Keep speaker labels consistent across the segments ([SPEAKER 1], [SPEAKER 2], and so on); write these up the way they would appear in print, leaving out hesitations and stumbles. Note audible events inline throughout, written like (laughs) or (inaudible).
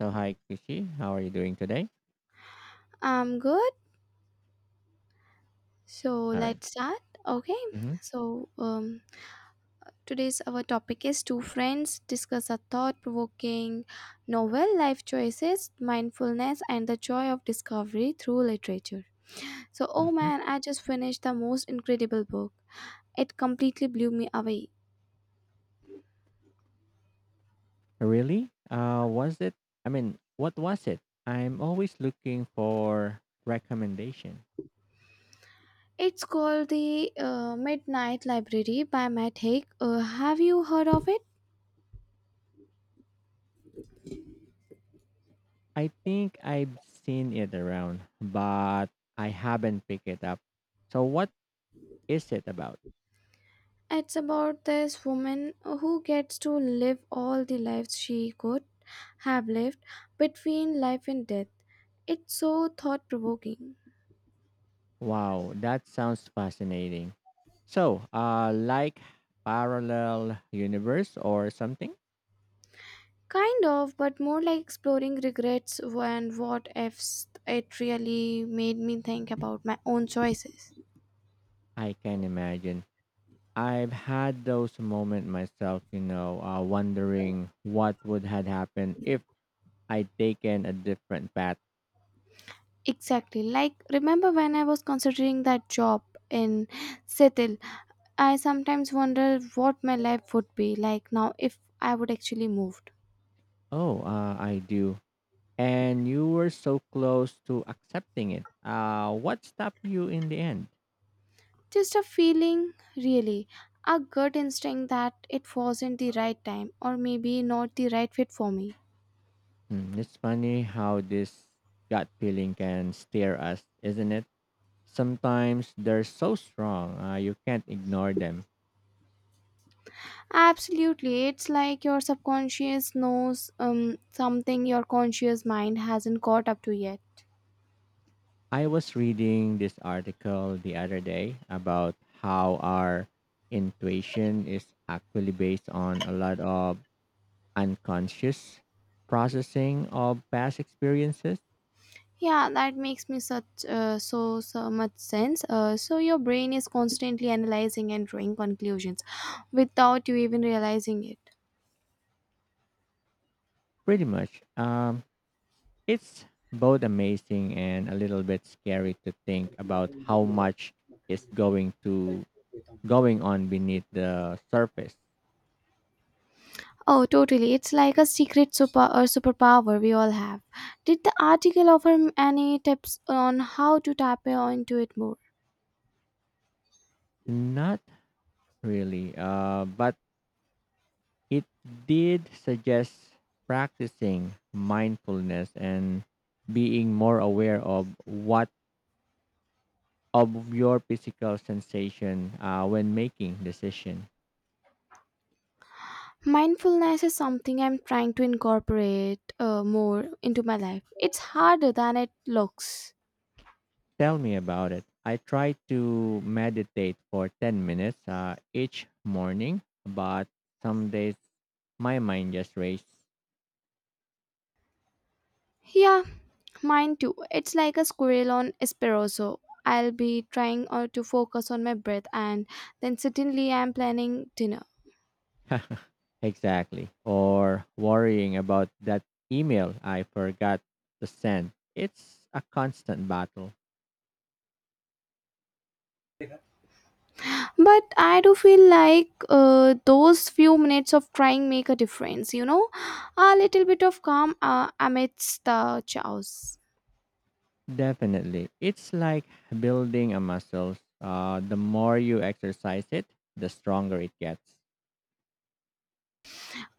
[SPEAKER 1] So hi, Kushi. How are you doing today?
[SPEAKER 2] I'm good. So
[SPEAKER 1] All right.
[SPEAKER 2] let's start. Okay.
[SPEAKER 1] Mm-hmm.
[SPEAKER 2] So um, Today's our topic is two friends discuss a thought-provoking novel, life choices, mindfulness, and the joy of discovery through literature. So oh
[SPEAKER 1] Mm-hmm.
[SPEAKER 2] man, I just finished the most incredible book. It completely blew me away.
[SPEAKER 1] Really? Was it? I mean, what was it? I'm always looking for recommendation.
[SPEAKER 2] It's called the Midnight Library by Matt Haig. Have you heard of it?
[SPEAKER 1] I think I've seen it around, but I haven't picked it up. So what is it about?
[SPEAKER 2] It's about this woman who gets to live all the lives she could have lived between life and death. It's so thought provoking.
[SPEAKER 1] Wow, that sounds fascinating. So, like parallel universe or something?
[SPEAKER 2] Kind of, but more like exploring regrets and what ifs. It really made me think about my own choices.
[SPEAKER 1] I can imagine. I've had those moments myself, wondering what would had happened if I'd taken a different path.
[SPEAKER 2] Exactly. Like, remember when I was considering that job in Seattle? I sometimes wonder what my life would be like now if I would actually move.
[SPEAKER 1] Oh, I do. And you were so close to accepting it. What stopped you in the end?
[SPEAKER 2] Just a feeling, really. A gut instinct that it wasn't the right time or maybe not the right fit for me.
[SPEAKER 1] Hmm, it's funny how this gut feeling can steer us, isn't it? Sometimes they're so strong, you can't ignore them.
[SPEAKER 2] Absolutely. It's like your subconscious knows something your conscious mind hasn't caught up to yet.
[SPEAKER 1] I was reading this article the other day about how our intuition is actually based on a lot of unconscious processing of past experiences.
[SPEAKER 2] Yeah, that makes me such so much sense. So your brain is constantly analyzing and drawing conclusions without you even realizing it.
[SPEAKER 1] Pretty much. It's both amazing and a little bit scary to think about how much is going to going on beneath the surface.
[SPEAKER 2] Oh, totally. It's like a secret super or superpower we all have. Did the article offer any tips on how to tap into it more?
[SPEAKER 1] Not really. But it did suggest practicing mindfulness and being more aware of what of your physical sensation when making decision.
[SPEAKER 2] Mindfulness is something I'm trying to incorporate more into my life. It's harder than it looks.
[SPEAKER 1] Tell me about it. I try to meditate for 10 minutes each morning, but some days my mind just races.
[SPEAKER 2] Yeah, mine too. It's like a squirrel on espresso. I'll be trying to focus on my breath and then suddenly I'm planning dinner.
[SPEAKER 1] (laughs) Exactly. Or worrying about that email I forgot to send. It's a constant battle.
[SPEAKER 2] But I do feel like those few minutes of trying make a difference. A little bit of calm amidst the chaos.
[SPEAKER 1] Definitely. It's like building a muscle. The more you exercise it, the stronger it gets.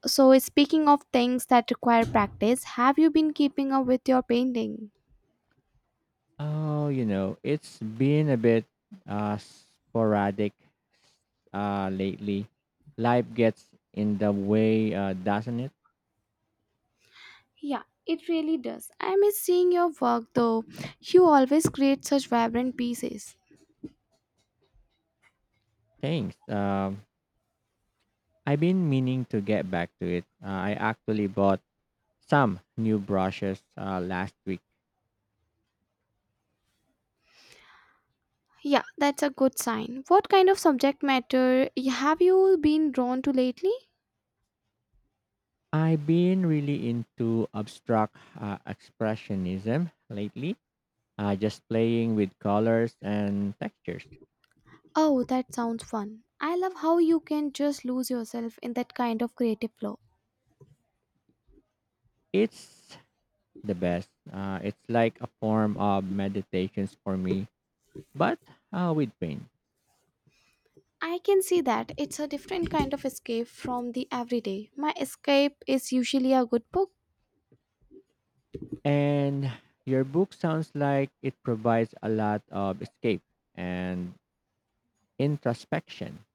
[SPEAKER 2] So speaking of things that require practice, have you been keeping up with your painting?
[SPEAKER 1] Oh, you know, it's been a bit sporadic lately. Life gets in the way, doesn't it?
[SPEAKER 2] Yeah, it really does. I miss seeing your work though. You always create such vibrant pieces.
[SPEAKER 1] Thanks. I've been meaning to get back to it. I actually bought some new brushes last week.
[SPEAKER 2] Yeah, that's a good sign. What kind of subject matter have you been drawn to lately?
[SPEAKER 1] I've been really into abstract expressionism lately, just playing with colors and textures.
[SPEAKER 2] Oh, that sounds fun. I love how you can just lose yourself in that kind of creative flow.
[SPEAKER 1] It's the best. It's like a form of meditations for me, but with paint.
[SPEAKER 2] I can see that. It's a different kind of escape from the everyday. My escape is usually a good book.
[SPEAKER 1] And your book sounds like it provides a lot of escape and introspection.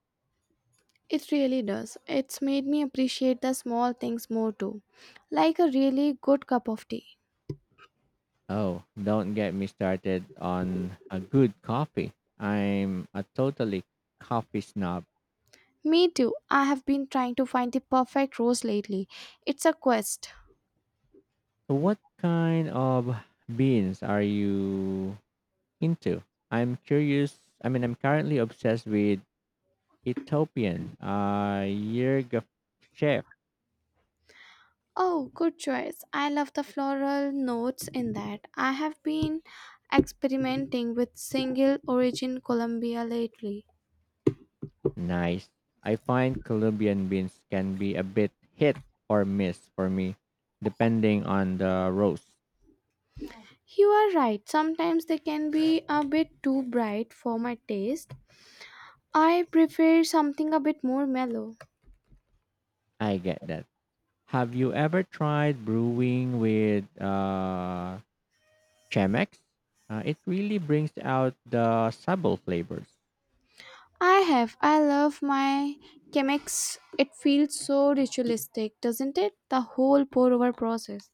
[SPEAKER 2] It really does. It's made me appreciate the small things more too, like a really good cup of tea.
[SPEAKER 1] Oh, don't get me started on a good coffee. I'm a totally coffee snob.
[SPEAKER 2] Me too. I have been trying to find the perfect rose lately. It's a quest.
[SPEAKER 1] So what kind of beans are you into. I'm curious. I mean, I'm currently obsessed with Ethiopian Yerga chef.
[SPEAKER 2] Oh, good choice. I love the floral notes in that. I have been experimenting with single origin Colombia lately.
[SPEAKER 1] Nice. I find Colombian beans can be a bit hit or miss for me, depending on the roast.
[SPEAKER 2] You are right, sometimes they can be a bit too bright for my taste. I prefer something a bit more mellow.
[SPEAKER 1] I get that. Have you ever tried brewing with Chemex? It really brings out the subtle flavors.
[SPEAKER 2] I have. I love my Chemex. It feels so ritualistic, doesn't it? The whole pour over process.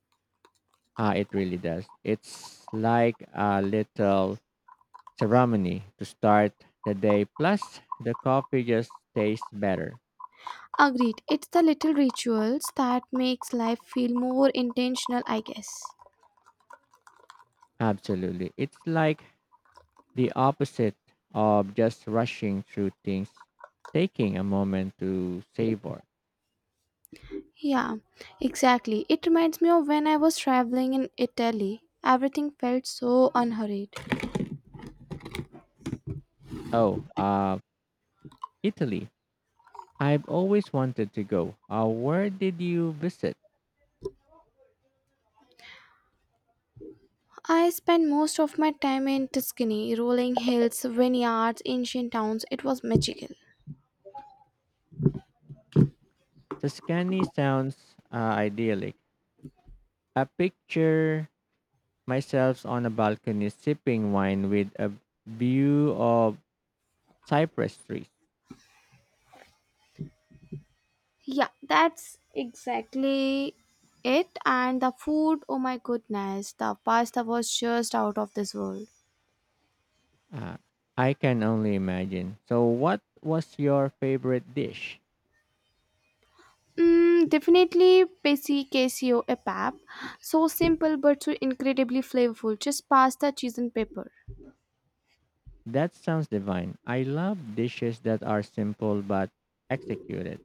[SPEAKER 1] It really does. It's like a little ceremony to start the day. Plus, the coffee just tastes better.
[SPEAKER 2] Agreed. It's the little rituals that makes life feel more intentional, I guess.
[SPEAKER 1] Absolutely. It's like the opposite of just rushing through things, taking a moment to savor.
[SPEAKER 2] Yeah, exactly. It reminds me of when I was traveling in Italy. Everything felt so unhurried.
[SPEAKER 1] Oh, uh, Italy. I've always wanted to go. Where did you visit?
[SPEAKER 2] I spent most of my time in Tuscany, rolling hills, vineyards, ancient towns. It was magical.
[SPEAKER 1] Tuscany sounds idyllic. I picture myself on a balcony sipping wine with a view of cypress trees.
[SPEAKER 2] Yeah, that's exactly it. And the food, oh my goodness, the pasta was just out of this world.
[SPEAKER 1] Uh, I can only imagine. So, what was your favorite dish?
[SPEAKER 2] Mm, definitely pesi queso e pap. So simple but so incredibly flavorful. Just pasta, cheese, and pepper.
[SPEAKER 1] That sounds divine. I love dishes that are simple but executed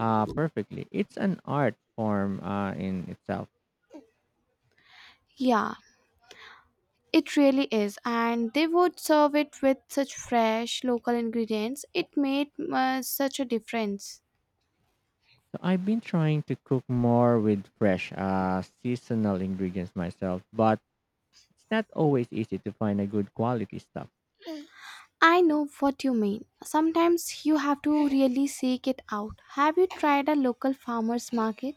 [SPEAKER 1] perfectly. It's an art form in itself.
[SPEAKER 2] Yeah, it really is, and they would serve it with such fresh local ingredients. It made such a difference.
[SPEAKER 1] So, I've been trying to cook more with fresh, seasonal ingredients myself, but it's not always easy to find a good quality stuff.
[SPEAKER 2] I know what you mean. Sometimes you have to really seek it out. Have you tried a local farmers market?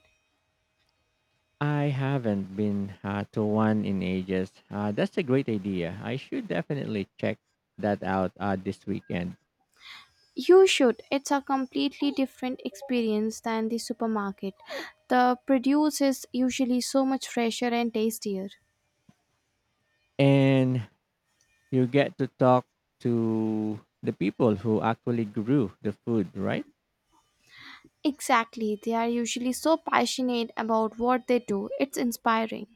[SPEAKER 1] I haven't been to one in ages. That's a great idea. I should definitely check that out this weekend.
[SPEAKER 2] You should. It's a completely different experience than the supermarket. The produce is usually so much fresher and tastier.
[SPEAKER 1] And you get to talk to the people who actually grew the food, right?
[SPEAKER 2] Exactly. They are usually so passionate about what they do. It's inspiring.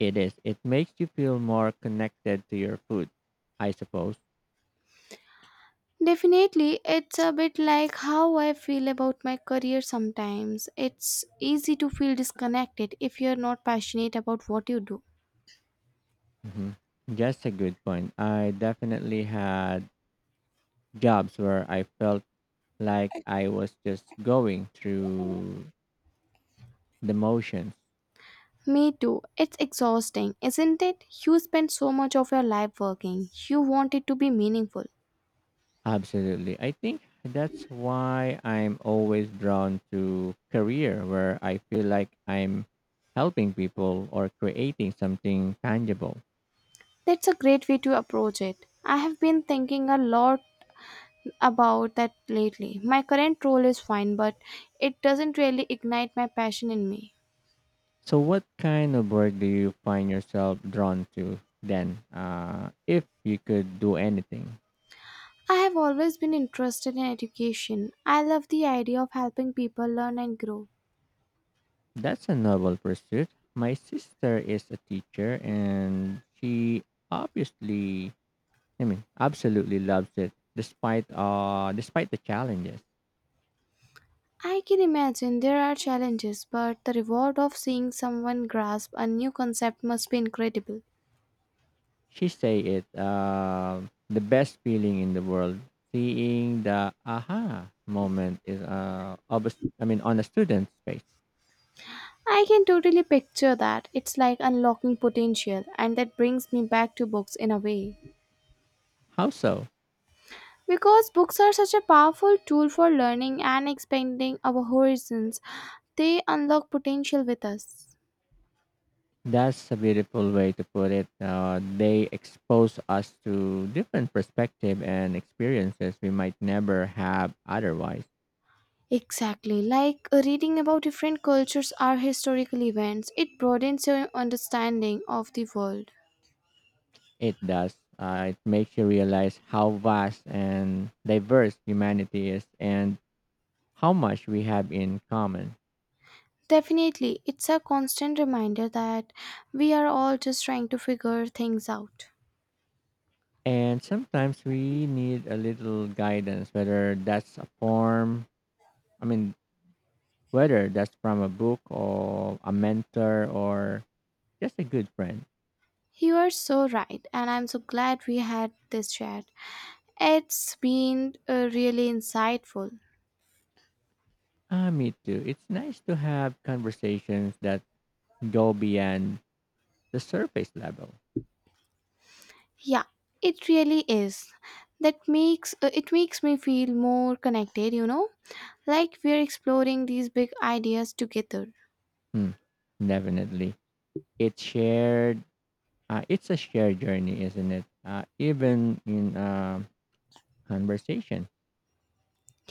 [SPEAKER 1] It is. It makes you feel more connected to your food, I suppose.
[SPEAKER 2] Definitely, it's a bit like how I feel about my career sometimes. It's easy to feel disconnected if you're not passionate about what you do.
[SPEAKER 1] Hmm, just a good point. I definitely had jobs where I felt like I was just going through the motions.
[SPEAKER 2] Me too. It's exhausting, isn't it? You spend so much of your life working. You want it to be meaningful.
[SPEAKER 1] Absolutely. I think that's why I'm always drawn to career where I feel like I'm helping people or creating something tangible.
[SPEAKER 2] That's a great way to approach it. I have been thinking a lot about that lately. My current role is fine, but it doesn't really ignite my passion in me.
[SPEAKER 1] So what kind of work do you find yourself drawn to then? If you could do anything.
[SPEAKER 2] I have always been interested in education. I love the idea of helping people learn and grow.
[SPEAKER 1] That's a noble pursuit. My sister is a teacher and she obviously, I mean, absolutely loves it despite despite the challenges.
[SPEAKER 2] I can imagine there are challenges, but the reward of seeing someone grasp a new concept must be incredible.
[SPEAKER 1] She say it, the best feeling in the world, seeing the aha moment is, of a s I mean, on a student's face.
[SPEAKER 2] I can totally picture that. It's like unlocking potential, and that brings me back to books in a way.
[SPEAKER 1] How so?
[SPEAKER 2] Because books are such a powerful tool for learning and expanding our horizons, they unlock potential with us.
[SPEAKER 1] That's a beautiful way to put it. They expose us to different perspective and experiences we might never have otherwise.
[SPEAKER 2] Exactly. Like reading about different cultures or historical events, it broadens your understanding of the world.
[SPEAKER 1] It does. It makes you realize how vast and diverse humanity is and how much we have in common.
[SPEAKER 2] Definitely, it's a constant reminder that we are all just trying to figure things out.
[SPEAKER 1] And sometimes we need a little guidance, whether that's a form, I mean, whether that's from a book or a mentor or just a good friend.
[SPEAKER 2] You are so right, and I'm so glad we had this chat. It's been really insightful.
[SPEAKER 1] Ah, me too. It's nice to have conversations that go beyond the surface level.
[SPEAKER 2] Yeah, it really is. That makes it makes me feel more connected, you know? Like we're exploring these big ideas together.
[SPEAKER 1] Hmm, definitely. It's shared, it's a shared journey, isn't it? Even in conversation.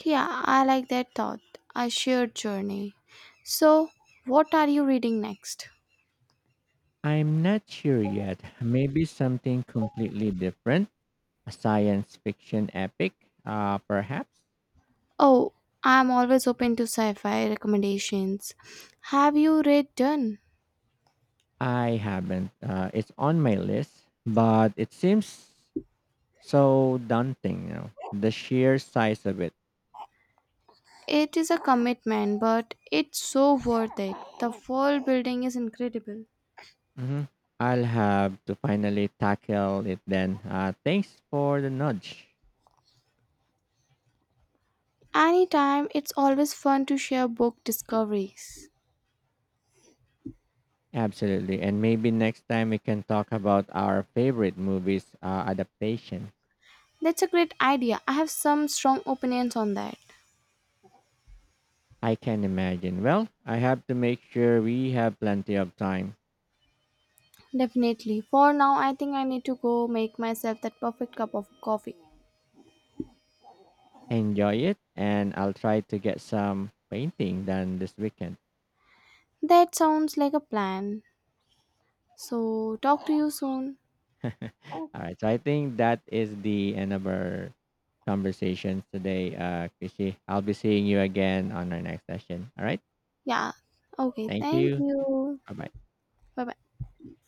[SPEAKER 2] Yeah, I like that thought. A shared journey. So, what are you reading next?
[SPEAKER 1] I'm not sure yet. Maybe something completely different, a science fiction epic, perhaps.
[SPEAKER 2] Oh, I'm always open to sci fi recommendations. Have you read Done?
[SPEAKER 1] I haven't. It's on my list, but it seems so daunting. You know, the sheer size of it.
[SPEAKER 2] It is a commitment, but it's so worth it. The world building is incredible.
[SPEAKER 1] Hmm, I'll have to finally tackle it then. Thanks for the nudge.
[SPEAKER 2] Anytime, it's always fun to share book discoveries.
[SPEAKER 1] Absolutely, and maybe next time we can talk about our favorite movies adaptation.
[SPEAKER 2] That's a great idea. I have some strong opinions on that.
[SPEAKER 1] I can imagine. Well, I have to make sure we have plenty of time.
[SPEAKER 2] Definitely. For now, I think I need to go make myself that perfect cup of coffee.
[SPEAKER 1] Enjoy it and I'll try to get some painting done this weekend.
[SPEAKER 2] That sounds like a plan. So, talk to you soon.
[SPEAKER 1] (laughs) All right. So I think that is the end of our conversations today, Chrissy. I'll be seeing you again on our next session. All right.
[SPEAKER 2] Yeah. Okay.
[SPEAKER 1] Thank
[SPEAKER 2] Thank
[SPEAKER 1] you.
[SPEAKER 2] you.
[SPEAKER 1] Bye bye.
[SPEAKER 2] Bye bye.